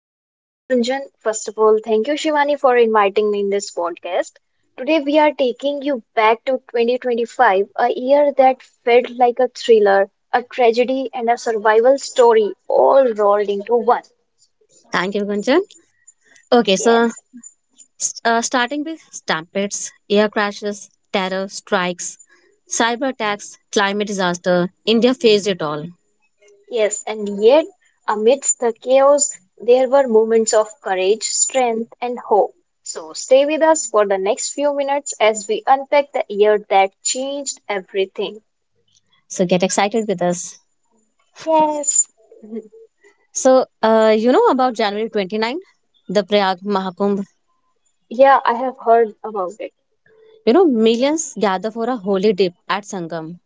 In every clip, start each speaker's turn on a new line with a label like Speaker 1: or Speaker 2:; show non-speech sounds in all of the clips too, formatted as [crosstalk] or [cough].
Speaker 1: And I'm Gunjan. First of all, thank you, Shivani, for inviting me in this podcast. Today, we are taking you back to 2025, a year that felt like a thriller, a tragedy, and a survival story all rolled into one.
Speaker 2: Thank you, Gunjan. Okay, so
Speaker 1: Yes,
Speaker 2: starting with stampedes, air crashes, terror strikes, cyber attacks, climate disaster, India faced it all.
Speaker 1: yes, and yet, amidst the chaos, there were moments of courage, strength, and hope. So, stay with us for the next few minutes as we unpack the year that changed everything.
Speaker 2: So get excited with us.
Speaker 1: Yes.
Speaker 2: So, you know about January 29, the Prayag Mahakumbh.
Speaker 1: Yeah, I have heard about it.
Speaker 2: You know, millions gather for a holy dip at Sangam.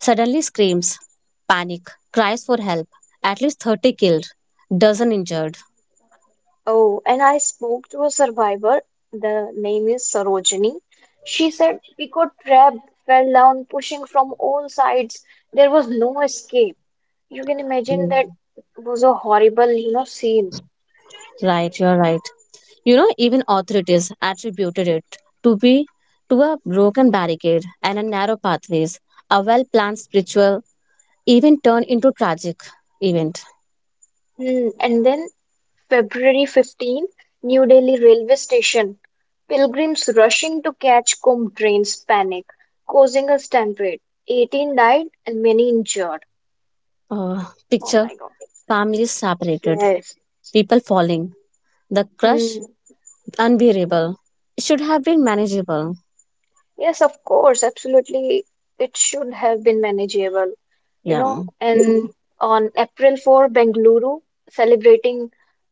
Speaker 2: Suddenly, screams, panic, cries for help, at least 30 killed, dozen injured.
Speaker 1: Oh, and I spoke to a survivor. The name is Sarojini. She said we got trapped, fell down, pushing from all sides. There was no escape. You can imagine that was a horrible, scene.
Speaker 2: Right, you're right. You know, even authorities attributed it to be to a broken barricade and a narrow pathways. A well-planned spiritual event turned into tragic event.
Speaker 1: Hmm. And then February 15, New Delhi railway station. Pilgrims rushing to catch Kumbh trains panic, causing a stampede. 18 died and many injured.
Speaker 2: Uh,
Speaker 1: Oh
Speaker 2: Picture
Speaker 1: my God.
Speaker 2: families separated,
Speaker 1: Yes.
Speaker 2: people falling, the
Speaker 1: Hmm.
Speaker 2: crush unbearable. It should have been manageable.
Speaker 1: Yes, of course, absolutely. It should have been manageable, you
Speaker 2: Yeah.
Speaker 1: know. And on April 4, Bengaluru celebrating,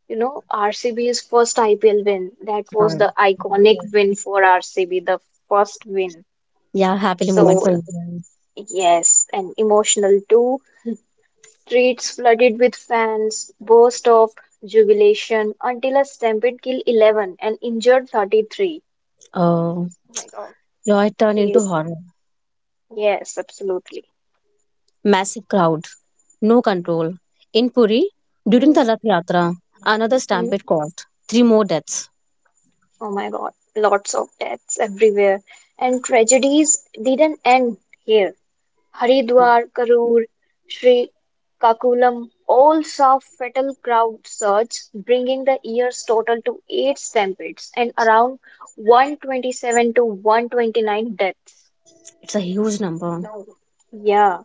Speaker 1: RCB's first IPL win. That was the iconic win for RCB, the first win.
Speaker 2: Yeah, happily moment for
Speaker 1: So,
Speaker 2: Indian.
Speaker 1: yes, and emotional too. Streets flooded with fans, burst of jubilation until a stampede killed 11 and injured 33.
Speaker 2: Oh,
Speaker 1: Oh my God.
Speaker 2: joy turned into
Speaker 1: Yes,
Speaker 2: horror.
Speaker 1: yes, absolutely.
Speaker 2: Massive crowd, no control. In Puri, during
Speaker 1: Mhm.
Speaker 2: the Rath Yatra, another stampede caused three more deaths.
Speaker 1: Oh my God, lots of deaths everywhere. And tragedies didn't end here. Haridwar, Karur, Sri Kakulam all saw fatal crowd surge, bringing the year's total to eight stampedes and around 127 to 129 deaths.
Speaker 2: It's a huge number.
Speaker 1: No. Yeah.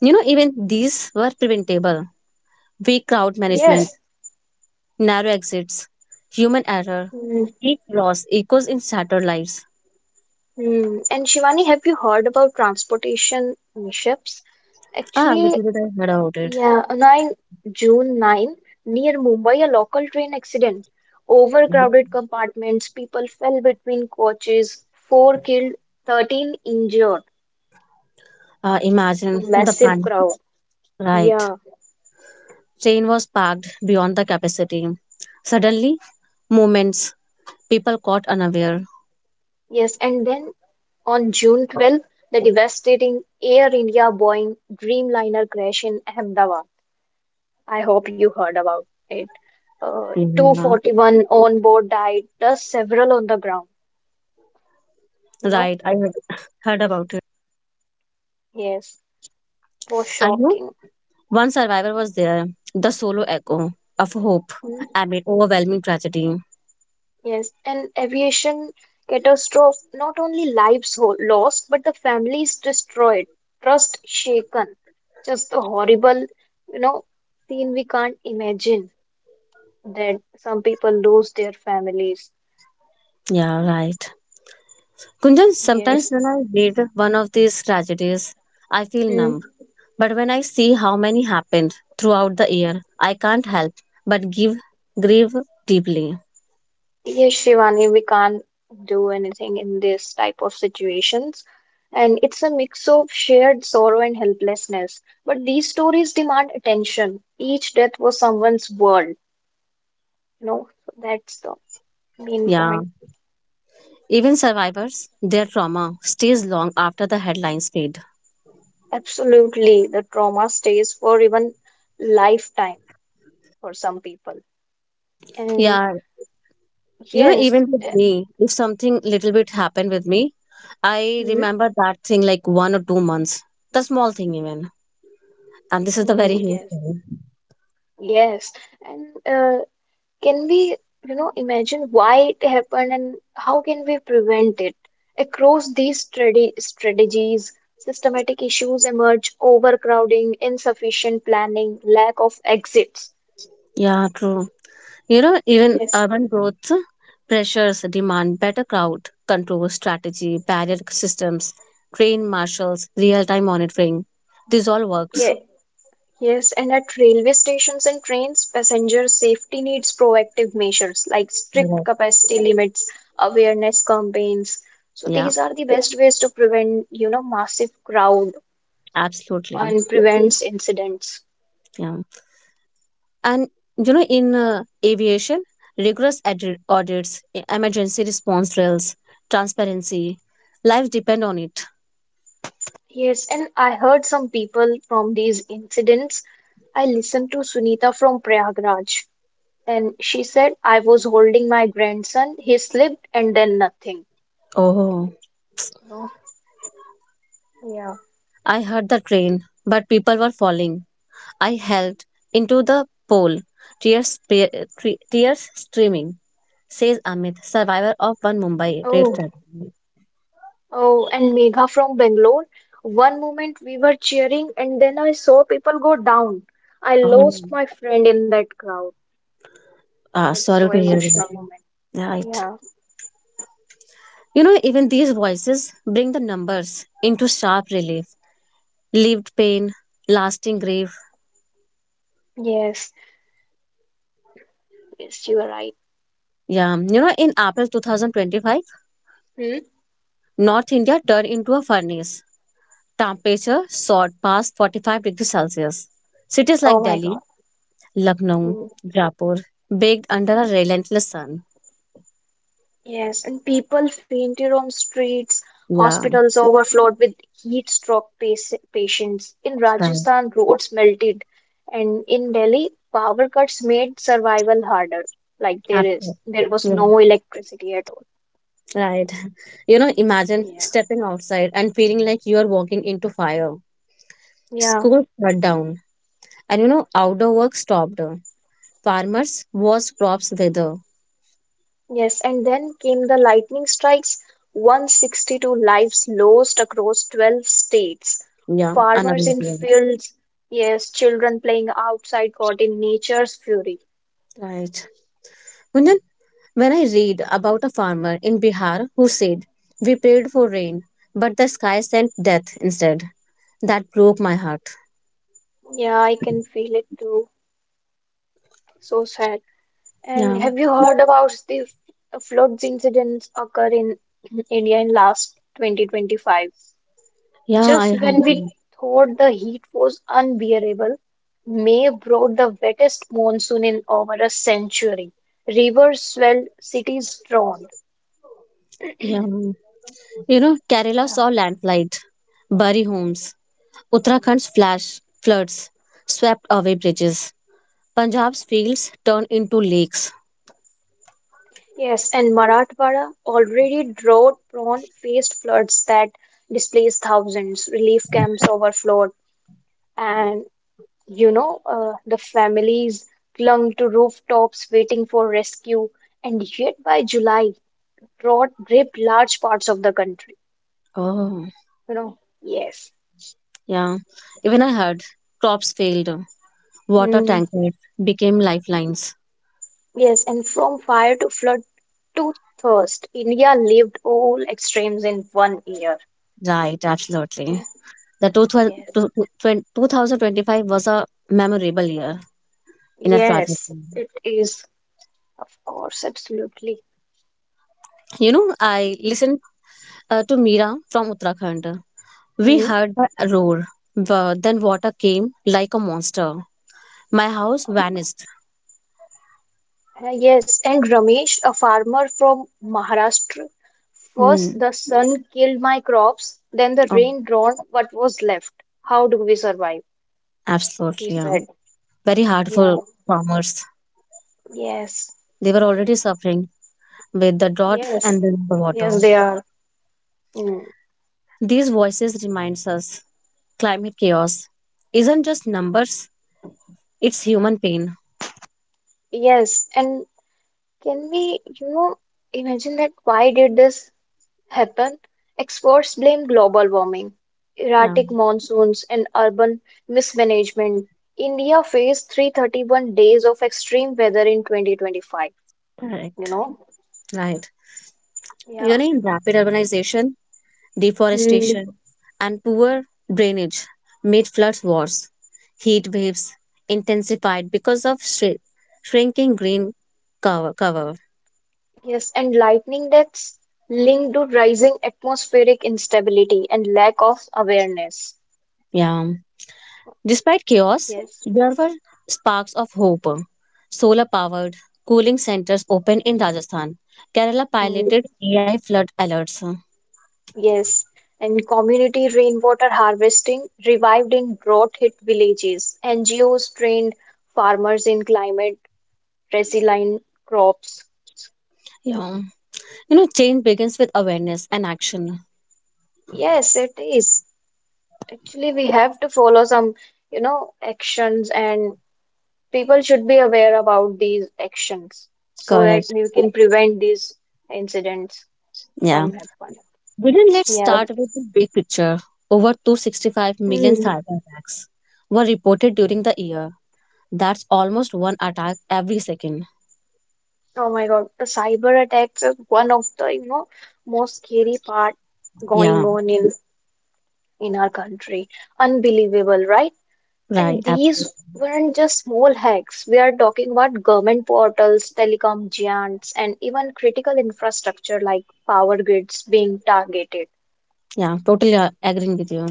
Speaker 2: You know, even these were preventable. Weak crowd management,
Speaker 1: Yes.
Speaker 2: narrow exits, human error.
Speaker 1: Mhm.
Speaker 2: Each loss echoes in shattered lives.
Speaker 1: And Shivani, have you heard about transportation mishaps?
Speaker 2: Ah,
Speaker 1: Actually,
Speaker 2: little did I heard about it.
Speaker 1: yeah, 9 June 9, near Mumbai, a local train accident. Overcrowded compartments, people fell between coaches, 4 killed, 13 injured. A
Speaker 2: Imagine the
Speaker 1: massive
Speaker 2: panic.
Speaker 1: crowd.
Speaker 2: Right.
Speaker 1: Yeah,
Speaker 2: Train was packed beyond the capacity. Suddenly, moments, people caught unaware.
Speaker 1: yes. And then on June 12th, the devastating Air India Boeing Dreamliner crash in Ahmedabad. I hope you heard about it. Uh,
Speaker 2: Yeah.
Speaker 1: 241 on board died, plus several on the ground. You know?
Speaker 2: Right, I heard, [laughs] heard about it.
Speaker 1: Yes, was
Speaker 2: And you know,
Speaker 1: shocking.
Speaker 2: one survivor was there, the solo echo of hope
Speaker 1: Hmm.
Speaker 2: amid overwhelming tragedy.
Speaker 1: Yes, an aviation catastrophe, not only lives lost, but the families destroyed, trust shaken. Just a horrible, you know, scene we can't imagine that some people lose their families.
Speaker 2: Yeah, right. Kunjan, sometimes
Speaker 1: Yes.
Speaker 2: when I read one of these tragedies, I feel
Speaker 1: Mm.
Speaker 2: numb. But when I see how many happened throughout the year, I can't help but give grieve deeply.
Speaker 1: Yes, Shivani, we can't do anything in this type of situations. And it's a mix of shared sorrow and helplessness. But these stories demand attention. Each death was someone's world. You know, that's the main
Speaker 2: Yeah.
Speaker 1: point.
Speaker 2: Even survivors, their trauma stays long after the headlines fade.
Speaker 1: Absolutely. The trauma stays for even lifetime for some people. And
Speaker 2: Yeah. You know,
Speaker 1: yes,
Speaker 2: even with
Speaker 1: eh,
Speaker 2: me, if something little bit happened with me, I
Speaker 1: mm,
Speaker 2: remember that thing like 1 or 2 months. The small thing even. And this is the very
Speaker 1: mm,
Speaker 2: huge
Speaker 1: yes,
Speaker 2: thing.
Speaker 1: yes. And uh, can we, imagine why it happened and how can we prevent it? Across these strategies, systematic issues emerge, overcrowding, insufficient planning, lack of exits.
Speaker 2: Yeah, true. You know, even urban growth pressures demand better crowd control strategy, barrier systems, train marshals, real time monitoring. This all works.
Speaker 1: Yes, Yes, and at railway stations and trains, passenger safety needs proactive measures like strict
Speaker 2: Right.
Speaker 1: capacity limits, awareness campaigns. So
Speaker 2: Yeah,
Speaker 1: these are the best ways to prevent, massive crowd
Speaker 2: absolutely.
Speaker 1: and prevents incidents.
Speaker 2: Yeah. And you know, in aviation, rigorous audits, emergency response drills, transparency, lives depend on it.
Speaker 1: Yes, and I heard some people from these incidents. I listened to Sunita from Prayagraj, and she said I was holding my grandson. He slipped and then nothing.
Speaker 2: Oh,
Speaker 1: You know? Yeah.
Speaker 2: I heard the train, but people were falling. I held into the pole, tears, tears streaming, says Amit, survivor of one Mumbai rape tragedy.
Speaker 1: Oh, and Megha from Bangalore. One moment we were cheering, and then I saw people go down. I
Speaker 2: Oh,
Speaker 1: lost my friend in that crowd. It's so
Speaker 2: sorry to hear that.
Speaker 1: emotional moment.
Speaker 2: Right. You know, even these voices bring the numbers into sharp relief. Lived pain, lasting grief.
Speaker 1: Yeah. Yes. Yes, you are right.
Speaker 2: Yeah. You know, in April 2025,
Speaker 1: Hmm?
Speaker 2: North India turned into a furnace. Temperature soared past 45 degrees Celsius. Cities
Speaker 1: Oh
Speaker 2: like
Speaker 1: my God.
Speaker 2: Delhi, Lucknow,
Speaker 1: Hmm.
Speaker 2: Jaipur, baked under a relentless sun.
Speaker 1: Yes, and people fainted on streets.
Speaker 2: Yeah,
Speaker 1: Hospitals overflowed with heat stroke patients. In
Speaker 2: right.
Speaker 1: Rajasthan, roads melted, and in Delhi, power cuts made survival harder. Like
Speaker 2: Absolutely.
Speaker 1: there was
Speaker 2: Yeah,
Speaker 1: no electricity at all.
Speaker 2: right. [laughs] You know, imagine
Speaker 1: Yeah.
Speaker 2: stepping outside and feeling like you are walking into fire.
Speaker 1: Yeah,
Speaker 2: School shut down, and you know, outdoor work stopped. Farmers watched crops wither.
Speaker 1: yes. And then came the lightning strikes, 162 lives lost across 12 states.
Speaker 2: Yeah,
Speaker 1: Farmers
Speaker 2: another
Speaker 1: in
Speaker 2: thing.
Speaker 1: fields, yes, children playing outside caught in nature's fury.
Speaker 2: Right. Kunjan, when I read about a farmer in Bihar who said, "We prayed for rain, but the sky sent death instead," that broke my heart.
Speaker 1: Yeah, I can feel it too. So sad.
Speaker 2: Yeah,
Speaker 1: And have you heard about the floods incidents occur in [clears throat] India in last 2025?
Speaker 2: yeah, I
Speaker 1: Just
Speaker 2: heard.
Speaker 1: when we thought the heat was unbearable, May brought the wettest monsoon in over a century. Rivers swelled, cities drowned.
Speaker 2: Yeah, you know, Kerala
Speaker 1: Yeah.
Speaker 2: saw landslide, bury homes. Uttarakhand's flash floods swept away bridges. Punjab's fields turned into lakes.
Speaker 1: Yes, and Marathwada, already drought prone, faced floods that displaced thousands. Relief camps overflowed, and the families clung to rooftops waiting for rescue. And yet, by July, drought gripped large parts of the country.
Speaker 2: Oh,
Speaker 1: You know, yes.
Speaker 2: yeah. Even I heard crops failed, water
Speaker 1: Mm,
Speaker 2: tankers became lifelines.
Speaker 1: yes, and from fire to flood to thirst, India lived all extremes in one year.
Speaker 2: Right, absolutely.
Speaker 1: Oh,
Speaker 2: The
Speaker 1: yes,
Speaker 2: 2025 was a memorable year in a tragedy.
Speaker 1: yes, it is, of course, absolutely.
Speaker 2: You know, I listened to Meera from Uttarakhand. We
Speaker 1: Hmm.
Speaker 2: heard a roar. Then water came like a monster. My house vanished.
Speaker 1: Yes, and Ramesh, a farmer from Maharashtra, first
Speaker 2: Hmm.
Speaker 1: the sun killed my crops, then the
Speaker 2: Oh,
Speaker 1: rain drowned what was left. How do we survive? He
Speaker 2: absolutely. Yeah.
Speaker 1: said.
Speaker 2: Very hard
Speaker 1: Yeah,
Speaker 2: for farmers.
Speaker 1: yes,
Speaker 2: They were already suffering with the drought and
Speaker 1: yes.
Speaker 2: then the water.
Speaker 1: Yes, they are. Hmm.
Speaker 2: These voices reminds us climate chaos isn't just numbers, it's human pain.
Speaker 1: Yes, and can we, imagine that why did this happen? Experts blame global warming,
Speaker 2: Yeah,
Speaker 1: erratic monsoons, and urban mismanagement. India faced 331 days of extreme weather in 2025, you
Speaker 2: correct.
Speaker 1: know?
Speaker 2: Right. You
Speaker 1: Yeah.
Speaker 2: know, in rapid urbanization,
Speaker 1: Mm,
Speaker 2: deforestation, and poor drainage made floods worse. Heat waves intensified because of shrinking green cover.
Speaker 1: yes, and lightning that's linked to rising atmospheric instability and lack of awareness.
Speaker 2: Yeah. Despite chaos,
Speaker 1: Yes.
Speaker 2: there were sparks of hope. Solar powered cooling centers opened in Rajasthan. Kerala
Speaker 1: Mm.
Speaker 2: piloted AI flood alerts.
Speaker 1: Yes, and community rainwater harvesting revived in drought hit villages. NGOs trained farmers in climate resilient crops.
Speaker 2: Yeah. You know, change begins with awareness and action.
Speaker 1: Yes, it is. Actually, we have to follow some, actions, and people should be aware about these actions so that
Speaker 2: Correct.
Speaker 1: we can prevent these incidents
Speaker 2: Yeah.
Speaker 1: from happening.
Speaker 2: Within, let's
Speaker 1: Yeah.
Speaker 2: start with the big picture. Over 265 million
Speaker 1: Hmm.
Speaker 2: cyber attacks were reported during the year. That's almost one attack every second.
Speaker 1: Oh my God, the cyber attacks is one of the, most scary part going
Speaker 2: Yeah,
Speaker 1: on in our country. Unbelievable, right?
Speaker 2: right,
Speaker 1: And
Speaker 2: absolutely.
Speaker 1: these weren't just small hacks. We are talking about government portals, telecom giants, and even critical infrastructure like power grids being targeted.
Speaker 2: Yeah, totally agreeing with you.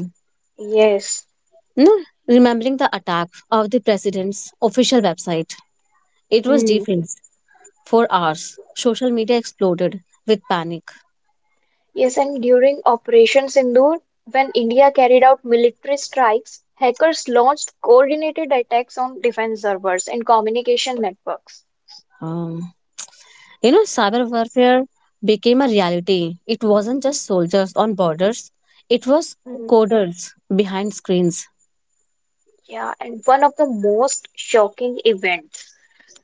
Speaker 1: Yes.
Speaker 2: No, remembering the attack of the president's official website, it was
Speaker 1: Hmm.
Speaker 2: defaced for hours. Social media exploded with panic.
Speaker 1: Yes, and during Operation Sindoor, when India carried out military strikes, hackers launched coordinated attacks on defense servers and communication networks.
Speaker 2: Um, you know, cyber warfare became a reality. It wasn't just soldiers on borders, it was
Speaker 1: Hmm.
Speaker 2: coders behind screens.
Speaker 1: Yeah, and one of the most shocking events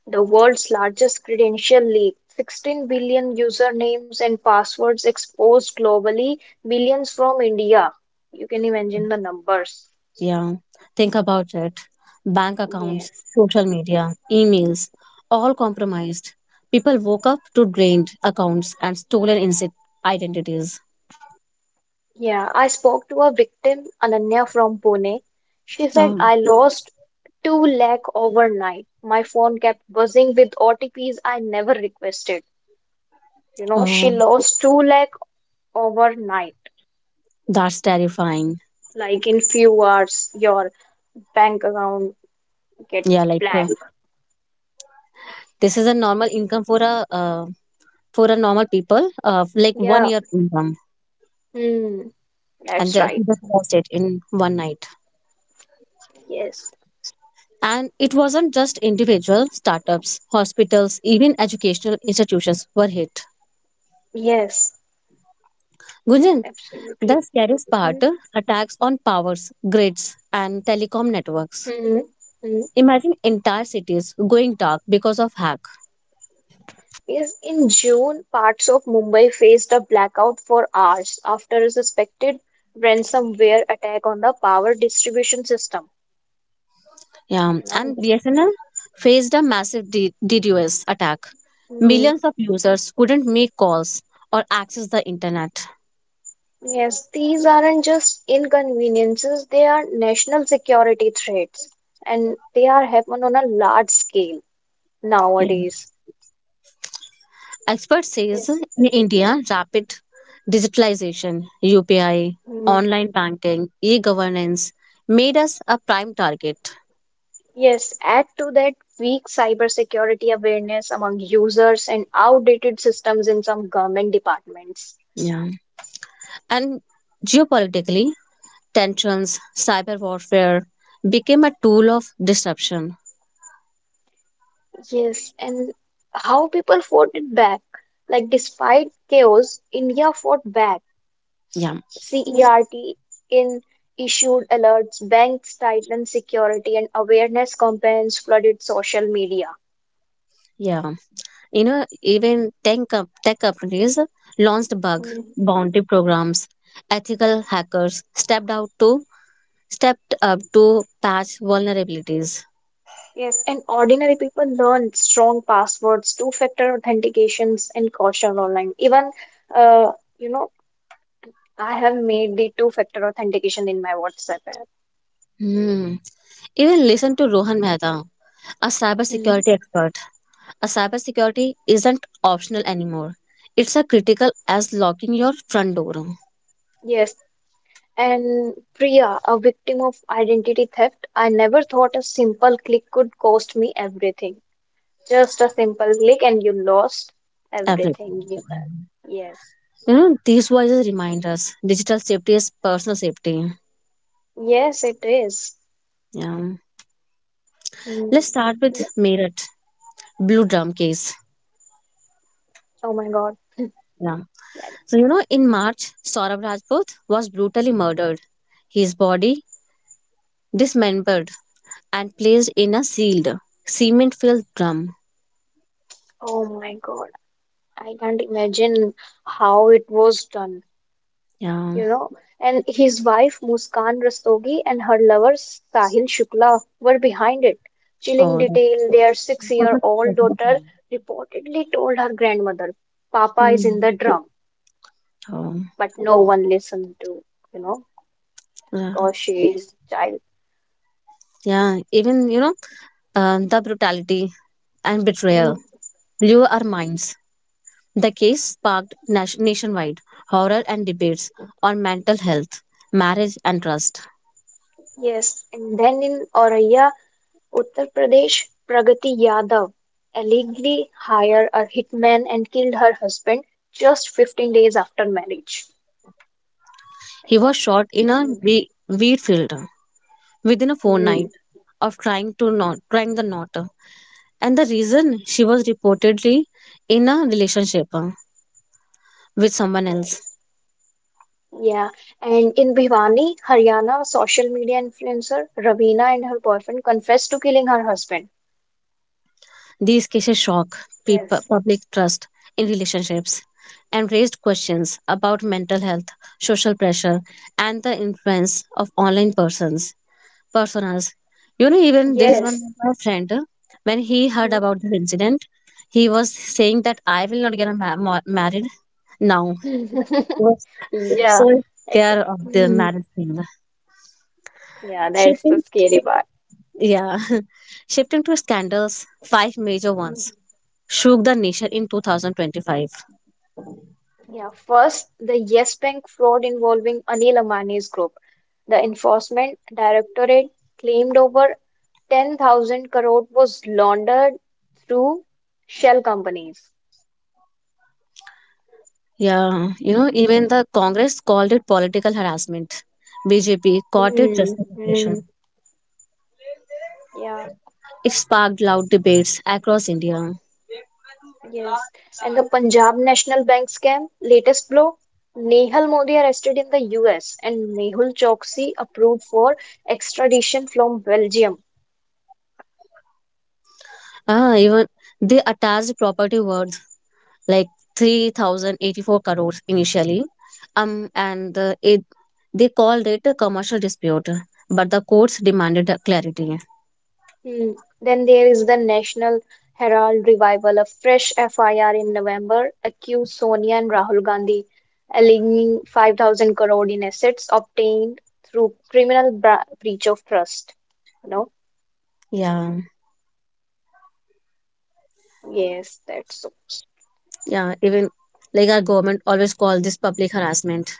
Speaker 1: the world's largest credential leak, 16 billion usernames and passwords exposed globally, millions from India. You can imagine the numbers.
Speaker 2: Yeah, think about it. Bank accounts,
Speaker 1: Yes.
Speaker 2: social media, emails, all compromised. People woke up to drained accounts and stolen identities.
Speaker 1: Yeah, I spoke to a victim, Ananya from Pune. She said,
Speaker 2: Oh,
Speaker 1: I lost 2 lakh overnight. My phone kept buzzing with OTPs I never requested. You know, she
Speaker 2: oh,
Speaker 1: lost 2 lakh overnight.
Speaker 2: that's terrifying.
Speaker 1: Like in few hours, your bank account
Speaker 2: Yeah,
Speaker 1: gets
Speaker 2: like
Speaker 1: blank.
Speaker 2: this is a normal income for a normal people, like one
Speaker 1: Yeah.
Speaker 2: year income,
Speaker 1: Hmm."
Speaker 2: and
Speaker 1: That's
Speaker 2: just
Speaker 1: right.
Speaker 2: just lost it in one night.
Speaker 1: Yes.
Speaker 2: And it wasn't just individual startups, hospitals, even educational institutions were hit.
Speaker 1: Yes.
Speaker 2: Gunjan, the
Speaker 1: Absolutely.
Speaker 2: scariest
Speaker 1: Mhm.
Speaker 2: part attacks on powers, grids, and telecom networks.
Speaker 1: Mhm.
Speaker 2: Imagine entire cities going dark because of hack.
Speaker 1: Yes, in June, parts of Mumbai faced a blackout for hours after a suspected ransomware attack on the power distribution system.
Speaker 2: Yeah,
Speaker 1: You know,
Speaker 2: and BSNL faced a massive DDoS attack.
Speaker 1: mm,
Speaker 2: Millions of users couldn't make calls or access the internet.
Speaker 1: yes, these aren't just inconveniences, they are national security threats, and they are happen on a large scale
Speaker 2: Yeah.
Speaker 1: nowadays.
Speaker 2: Expert says
Speaker 1: Yes.
Speaker 2: in India, rapid digitalization, UPI, online banking, e-governance made us a prime target.
Speaker 1: Yes, add to that weak cybersecurity awareness among users and outdated systems in some government departments.
Speaker 2: Yeah. And geopolitically, tensions, cyber warfare became a tool of disruption.
Speaker 1: Yes, and how people fought it back. Like, despite chaos, India fought back.
Speaker 2: Yeah,
Speaker 1: CERT in issued alerts, banks tightened security, and awareness campaigns flooded social media.
Speaker 2: yeah. You know, even tech companies launched bug bounty programs. Ethical hackers stepped up to patch vulnerabilities.
Speaker 1: Yes, and ordinary people learn strong passwords, two-factor authentications, and caution online. Even, uh, you know, I have made the two-factor authentication in my WhatsApp app.
Speaker 2: Hmm. Even listen to Rohan Mehta, a
Speaker 1: Mm,
Speaker 2: cybersecurity expert. A cybersecurity isn't optional anymore. It's a critical as locking your front door
Speaker 1: yes, and Priya, a victim of identity theft, I never thought a simple click could cost me everything. Just a simple click, and you lost
Speaker 2: every.
Speaker 1: everything you have. Yes,
Speaker 2: You know, these voices remind us digital safety is personal safety.
Speaker 1: yes, it is.
Speaker 2: Yeah.
Speaker 1: Mm.
Speaker 2: Let's start with Meerut, Blue Drum case.
Speaker 1: Oh my God.
Speaker 2: Yeah. So, you know, in March, Saurabh Rajput was brutally murdered. His body dismembered and placed in a sealed, cement filled drum.
Speaker 1: Oh my God. I can't imagine how it was done,
Speaker 2: Yeah.
Speaker 1: you know. And his wife Muskan Rastogi and her lover Sahil Shukla were behind it. Chilling
Speaker 2: Oh, that
Speaker 1: detail, their
Speaker 2: was a
Speaker 1: six-year-old
Speaker 2: shocking
Speaker 1: daughter
Speaker 2: thing.
Speaker 1: reportedly told her grandmother, Papa is in
Speaker 2: Mm.
Speaker 1: the drum,
Speaker 2: Oh,
Speaker 1: but no one listened to, you know,
Speaker 2: yeah,
Speaker 1: because she is child.
Speaker 2: yeah. Even, the brutality and
Speaker 1: Mm,
Speaker 2: betrayal blew our minds. The case sparked nationwide horror and debates on mental health, marriage, and trust.
Speaker 1: yes. And then in Oraya, Uttar Pradesh Pragati Yadav allegedly hired a hitman and killed her husband just 15 days after marriage. My
Speaker 2: He
Speaker 1: God,
Speaker 2: was shot
Speaker 1: you
Speaker 2: in a
Speaker 1: can
Speaker 2: wheat field within a
Speaker 1: imagine. Hmm.
Speaker 2: fortnight of trying to not trying the knot, and the reason she was reportedly in a relationship with someone else.
Speaker 1: Yes. Yeah. And in Bhiwani, Haryana, social media influencer Ravina and her boyfriend confessed to killing her husband.
Speaker 2: These cases shock people,
Speaker 1: Yes.
Speaker 2: public trust in relationships and raised questions about mental health, social pressure, and the influence of online persons personas. You know, even there is one
Speaker 1: Yes.
Speaker 2: of my friend, when he heard
Speaker 1: Hmm.
Speaker 2: about this incident, he was saying that I will not get a married now. He was
Speaker 1: [laughs] Yeah.
Speaker 2: so
Speaker 1: Ex-
Speaker 2: care of the
Speaker 1: Mhm.
Speaker 2: marriage thing.
Speaker 1: Yeah.
Speaker 2: Shifting,
Speaker 1: Scary part.
Speaker 2: yeah, [laughs] shifting to scandals, five major ones
Speaker 1: Mhm.
Speaker 2: shook the nation in 2025.
Speaker 1: Yeah. First, the Yes Bank fraud involving Anil Ambani's group. The Enforcement Directorate claimed over 10,000 crore was laundered through shell companies.
Speaker 2: Yeah, you know, even the Congress called it political harassment. BJP caught it
Speaker 1: Hmm, hmm,
Speaker 2: justification.
Speaker 1: yeah,
Speaker 2: It sparked loud debates across India.
Speaker 1: yes. And the Punjab National Bank scam, latest blow. Nehal Modi arrested in the US and Mehul Choksi approved for extradition from Belgium.
Speaker 2: Even they attached property worth like 3,084 crores initially. And they called it a commercial dispute, but the courts demanded a clarity.
Speaker 1: Hmm. Then there is the National Herald revival. A fresh FIR in November accused Sonia and Rahul Gandhi, alleging 5,000 crore in assets obtained through criminal breach of trust. No?
Speaker 2: Yeah,
Speaker 1: Yes, that's so. [laughs]
Speaker 2: yeah, even like our government always call this public harassment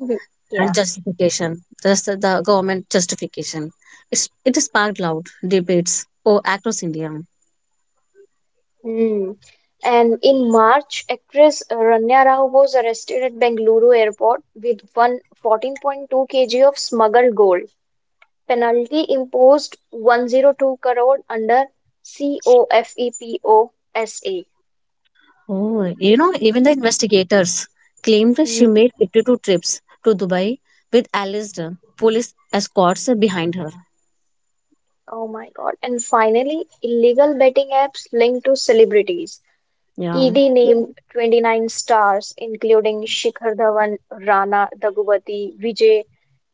Speaker 1: Mhm. Yeah.
Speaker 2: and justification. Just the government justification. It sparked loud debates across India.
Speaker 1: Hmm. And in March, actress Rania Rao was arrested at Bengaluru airport with one fourteen point two 14.2 kg of smuggled gold. Penalty imposed 102 crore under COFEPOSA.
Speaker 2: Oh, you know, even the investigators claimed that she
Speaker 1: Mm,
Speaker 2: made 52 trips to Dubai with alleged police escorts behind her.
Speaker 1: oh my God. And finally, illegal betting apps linked to celebrities.
Speaker 2: Yeah.
Speaker 1: ED named 29 stars, including Shikhar Dhawan, Rana Daggubati, Vijay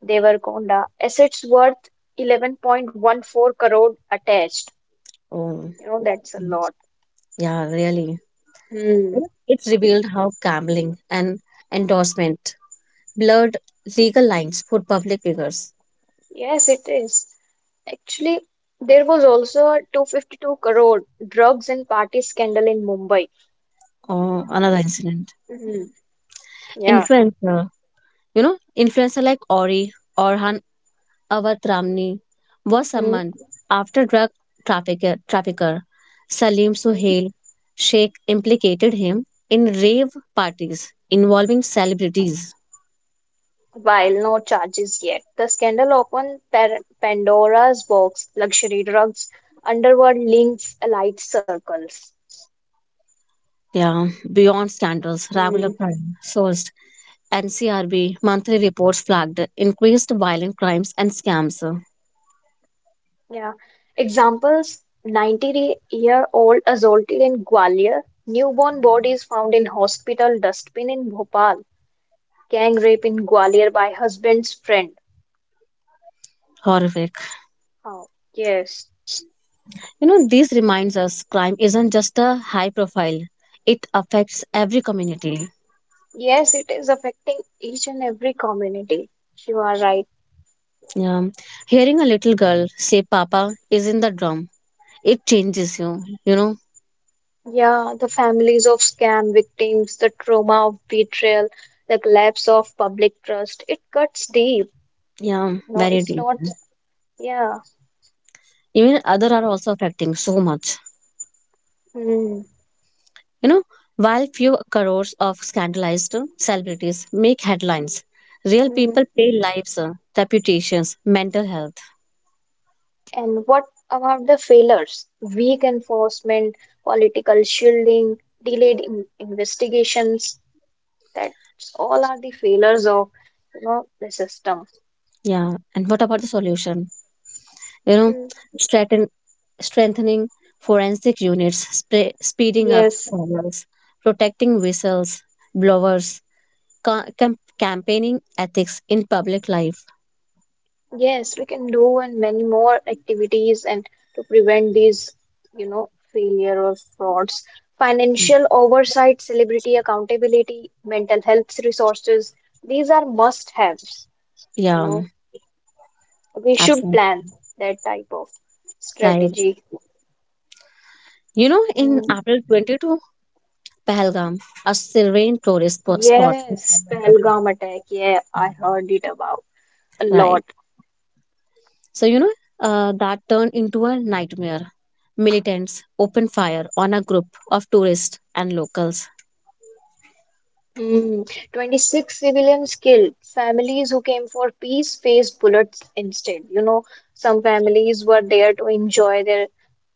Speaker 1: Devarkonda. Assets worth 11.14 crore attached.
Speaker 2: Oh,
Speaker 1: You know, that's a lot.
Speaker 2: yeah, really.
Speaker 1: Hmm.
Speaker 2: You know, it's revealed how gambling and endorsement blurred legal lines for public figures.
Speaker 1: Yes, it is. Actually, there was also a 252 crore drugs and party scandal in Mumbai.
Speaker 2: Oh, another incident.
Speaker 1: Mhm. Yeah.
Speaker 2: Influencer, influencer like Ori, Orhan Avat Ramni was
Speaker 1: Mm,
Speaker 2: summoned after drug trafficker Salim
Speaker 1: mm.
Speaker 2: Suhail Sheikh implicated him in rave parties involving celebrities.
Speaker 1: While no charges yet, the scandal opened Pandora's box, luxury drugs, underworld links, elite circles.
Speaker 2: Yeah, beyond scandals, regular
Speaker 1: Mm,
Speaker 2: crime sourced NCRB monthly reports flagged increased violent crimes and scams.
Speaker 1: yeah. Examples: 90-year-old assaulted in Gwalior, newborn bodies found in hospital dustbin in Bhopal, gang rape in Gwalior by husband's friend.
Speaker 2: Horrific.
Speaker 1: Oh, yes.
Speaker 2: You know, this reminds us crime isn't just a high profile, it affects every community.
Speaker 1: Yes, it is affecting each and every community. You are right.
Speaker 2: Yeah. Hearing a little girl say, "Papa is in the drum." It changes you, you know.
Speaker 1: Yeah, the families of scam victims, the trauma of betrayal, the collapse of public trust, it cuts deep.
Speaker 2: Yeah,
Speaker 1: No,
Speaker 2: very
Speaker 1: it's not.
Speaker 2: deeply.
Speaker 1: Yeah.
Speaker 2: Even other are also affecting so much.
Speaker 1: Hmm.
Speaker 2: You know, while few crores of scandalized celebrities make headlines, real
Speaker 1: Hmm.
Speaker 2: people pay lives, reputations, mental health.
Speaker 1: And what about the failures? Weak enforcement, political shielding, delayed in investigations. That's all are the failures of, the system.
Speaker 2: Yeah, and what about the solution? You know,
Speaker 1: Hmm.
Speaker 2: strengthen, strengthening forensic units, speeding up
Speaker 1: Yes.
Speaker 2: trials, protecting whistles, blowers, campaigning ethics in public life.
Speaker 1: Yes, we can do and many more activities and to prevent these, failure or frauds. Financial oversight, celebrity accountability, mental health resources, these are must-haves, you
Speaker 2: Yeah,
Speaker 1: know. We should
Speaker 2: absolutely
Speaker 1: plan that type of
Speaker 2: right.
Speaker 1: strategy.
Speaker 2: You know, in
Speaker 1: Mm,
Speaker 2: April 22, Pahalgam, a serene tourist spot in
Speaker 1: yes,
Speaker 2: Jammu and Kashmir.
Speaker 1: Pahalgam attack. Yeah, I heard it about a
Speaker 2: Right.
Speaker 1: lot.
Speaker 2: So, that turned into a nightmare. Militants opened fire on a group of tourists and locals.
Speaker 1: Mm, 26 civilians killed. Families who came for peace faced bullets instead. You know, some families were there to enjoy their,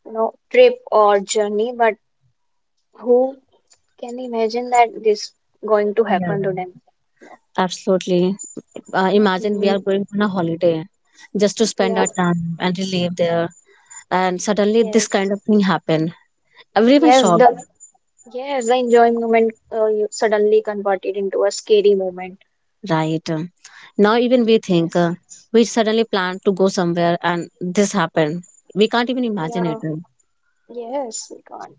Speaker 1: trip or journey, but who can imagine that this going to
Speaker 2: Yeah.
Speaker 1: happen to them? No.
Speaker 2: Absolutely. Imagine we
Speaker 1: Mm,
Speaker 2: are going on a holiday just to spend
Speaker 1: yeah,
Speaker 2: our time and relieve there. And suddenly this
Speaker 1: yes.
Speaker 2: kind of thing happened. Everyone
Speaker 1: Yes,
Speaker 2: shocked.
Speaker 1: the yes, the enjoying moment you suddenly converted into a scary moment.
Speaker 2: Right. Now, even we think
Speaker 1: Yes.
Speaker 2: we suddenly plan to go somewhere and this happened. We can't even imagine
Speaker 1: Yeah.
Speaker 2: it.
Speaker 1: Yes, God.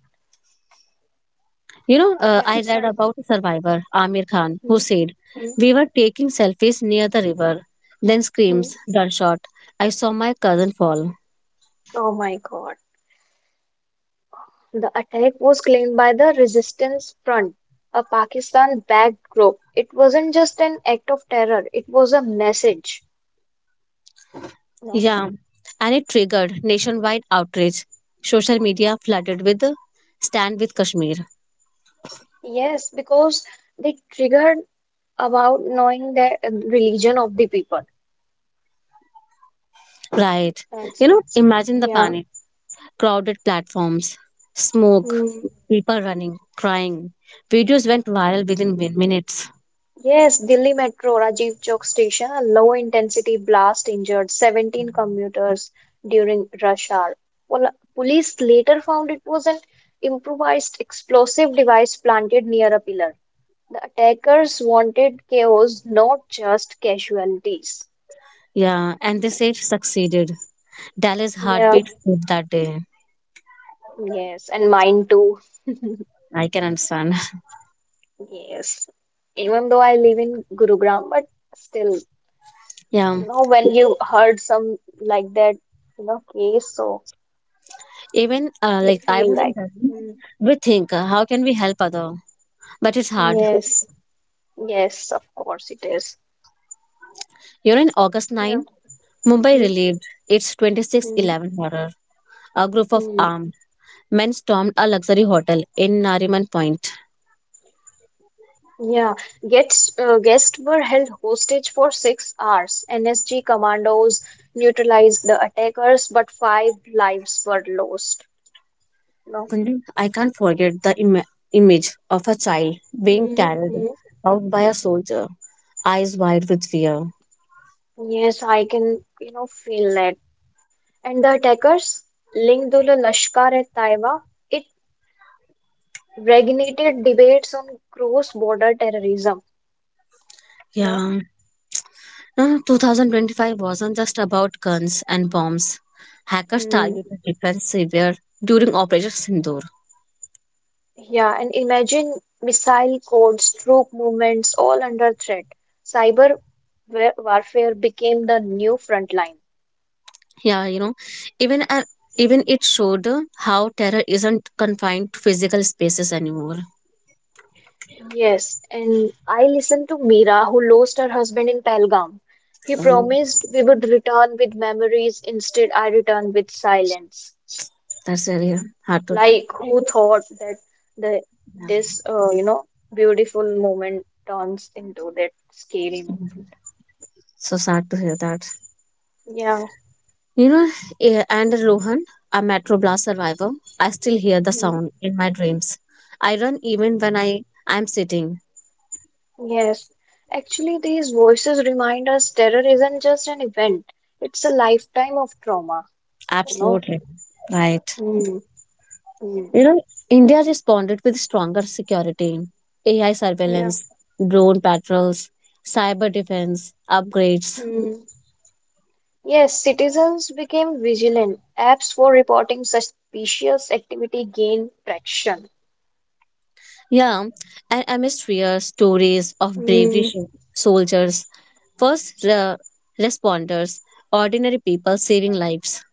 Speaker 2: You know, I
Speaker 1: That's
Speaker 2: read
Speaker 1: right.
Speaker 2: about a survivor, Amir Khan, who
Speaker 1: Mm,
Speaker 2: said,
Speaker 1: mm,
Speaker 2: "We were taking selfies near the river, then screams,
Speaker 1: mm.
Speaker 2: gunshot. I saw my cousin fall."
Speaker 1: Oh my God. The attack was claimed by the Resistance Front, a Pakistan-backed group. It wasn't just an act of terror, it was a message. No.
Speaker 2: Yeah. And it triggered nationwide outrage. Social media flooded with "Stand with Kashmir."
Speaker 1: Yes, because they triggered about knowing the religion of the people.
Speaker 2: Right.
Speaker 1: That's
Speaker 2: You know,
Speaker 1: it.
Speaker 2: imagine the
Speaker 1: Yeah.
Speaker 2: panic, crowded platforms, smoke,
Speaker 1: Mm.
Speaker 2: people running, crying. Videos went viral within minutes.
Speaker 1: Yes, Delhi Metro, Rajiv Chowk station, a low-intensity blast injured 17 commuters during rush hour. Police later found it was an improvised explosive device planted near a pillar. The attackers wanted chaos, not just casualties.
Speaker 2: Yeah, and they say it succeeded. Dallas
Speaker 1: Yeah,
Speaker 2: heartbeat stopped that day.
Speaker 1: yes, and mine too.
Speaker 2: I can understand. [laughs]
Speaker 1: Yes, even though I live in Gurugram, but still, you
Speaker 2: Yeah,
Speaker 1: know, when you heard some like that, you know, case, so
Speaker 2: even
Speaker 1: you
Speaker 2: like I
Speaker 1: feel
Speaker 2: was in
Speaker 1: like,
Speaker 2: Delhi,
Speaker 1: mm,
Speaker 2: we think how can we help other, but it's hard.
Speaker 1: yes, yes, of course it is.
Speaker 2: You know, in August
Speaker 1: Yeah.
Speaker 2: 9, Mumbai relieved its twenty six
Speaker 1: Mm,
Speaker 2: eleven horror. A group of
Speaker 1: mm,
Speaker 2: armed men stormed a luxury hotel in Nariman Point.
Speaker 1: yeah, guests were held hostage for six hours. NSG commandos neutralized the attackers, but five lives were lost. No.
Speaker 2: Sandeep, I can't forget the image of a child being carried
Speaker 1: Mm-hmm.
Speaker 2: out by a soldier, eyes wide with fear.
Speaker 1: Yes, I can, you know, feel that. And the attackers, Lingdul Lashkar-e-Taiba, it reignited debates on cross-border terrorism. No.
Speaker 2: Yeah. 2025 wasn't just about guns and bombs. Hackers targeted defense severe during Operation Sindoor.
Speaker 1: Yeah, and imagine missile codes, troop movements, all under threat. Cyber warfare became the new front line.
Speaker 2: Yeah, you know, even uh, even it showed how terror isn't confined to physical spaces anymore.
Speaker 1: Yes, and I listened to Meera, who lost her husband in Pahalgam. He
Speaker 2: Um,
Speaker 1: promised we would return with memories. Instead, I returned with silence.
Speaker 2: that's really hard to,
Speaker 1: Like, who thought that the this you know beautiful moment turns into that scary moment?
Speaker 2: so sad to hear that.
Speaker 1: Yeah.
Speaker 2: You know, and Rohan, a Metro Blast survivor, I still hear the sound in my dreams. I run even when I am sitting.
Speaker 1: Yes, actually, these voices remind us terror isn't just an event, it's a lifetime of trauma, you know.
Speaker 2: Absolutely. Right.
Speaker 1: Mm, mm,
Speaker 2: You know, India responded with stronger security, AI
Speaker 1: yeah.
Speaker 2: surveillance, drone patrols, cyber defense upgrades.
Speaker 1: Mm. Yes, citizens became vigilant. Apps for reporting suspicious activity gained traction.
Speaker 2: Yeah, and amidst fear, stories of bravery
Speaker 1: Mm,
Speaker 2: soldiers, first responders, ordinary people saving lives.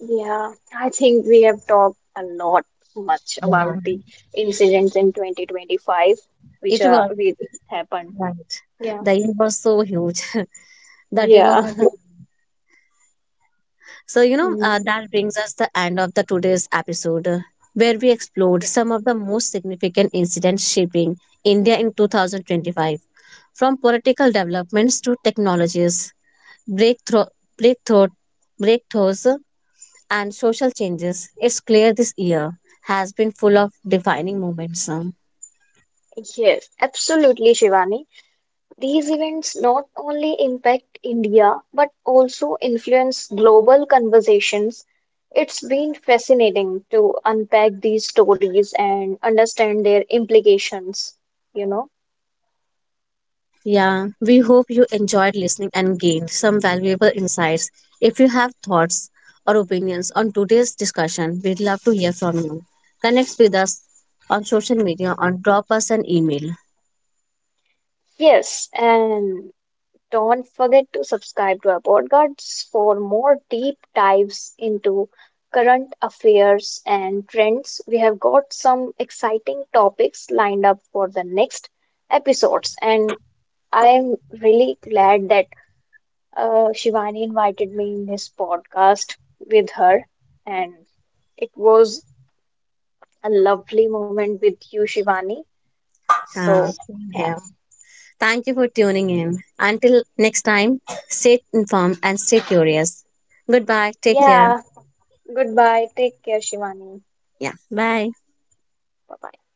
Speaker 1: yeah, I think we have talked a lot much about
Speaker 2: Yeah.
Speaker 1: the incidents in 2025 which
Speaker 2: It
Speaker 1: are
Speaker 2: was.
Speaker 1: which happened.
Speaker 2: Right.
Speaker 1: Yeah.
Speaker 2: The year was so huge. [laughs]
Speaker 1: Hmm.
Speaker 2: that day was
Speaker 1: Yeah.
Speaker 2: not-
Speaker 1: [laughs]
Speaker 2: So
Speaker 1: Mm.
Speaker 2: that brings us the end of the today's episode where we explored some of the most significant incidents shaping India in 2025, from political developments to technologies breakthrough breakthrough breakthroughs and social changes. It's clear this year has been full of defining moments.
Speaker 1: Yes, absolutely, Shivani. These events not only impact India but also influence global conversations. It's been fascinating to unpack these stories and understand their implications, you know.
Speaker 2: Yeah, we hope you enjoyed listening and gained some valuable insights. If you have thoughts or opinions on today's discussion, we'd love to hear from you. Connect with us on social media or drop us an email.
Speaker 1: Yes, and don't forget to subscribe to our podcasts for more deep dives into current affairs and trends. We have got some exciting topics lined up for the next episodes and I'm really glad that Shivani invited me in his podcast with her, and it was a lovely moment with you, Shivani. So,
Speaker 2: Same
Speaker 1: yeah,
Speaker 2: here. Thank you for tuning in. Until next time, stay informed and stay curious. Goodbye. Take care.
Speaker 1: yeah, goodbye. Take care, Shivani.
Speaker 2: Yeah, bye.
Speaker 1: Bye bye.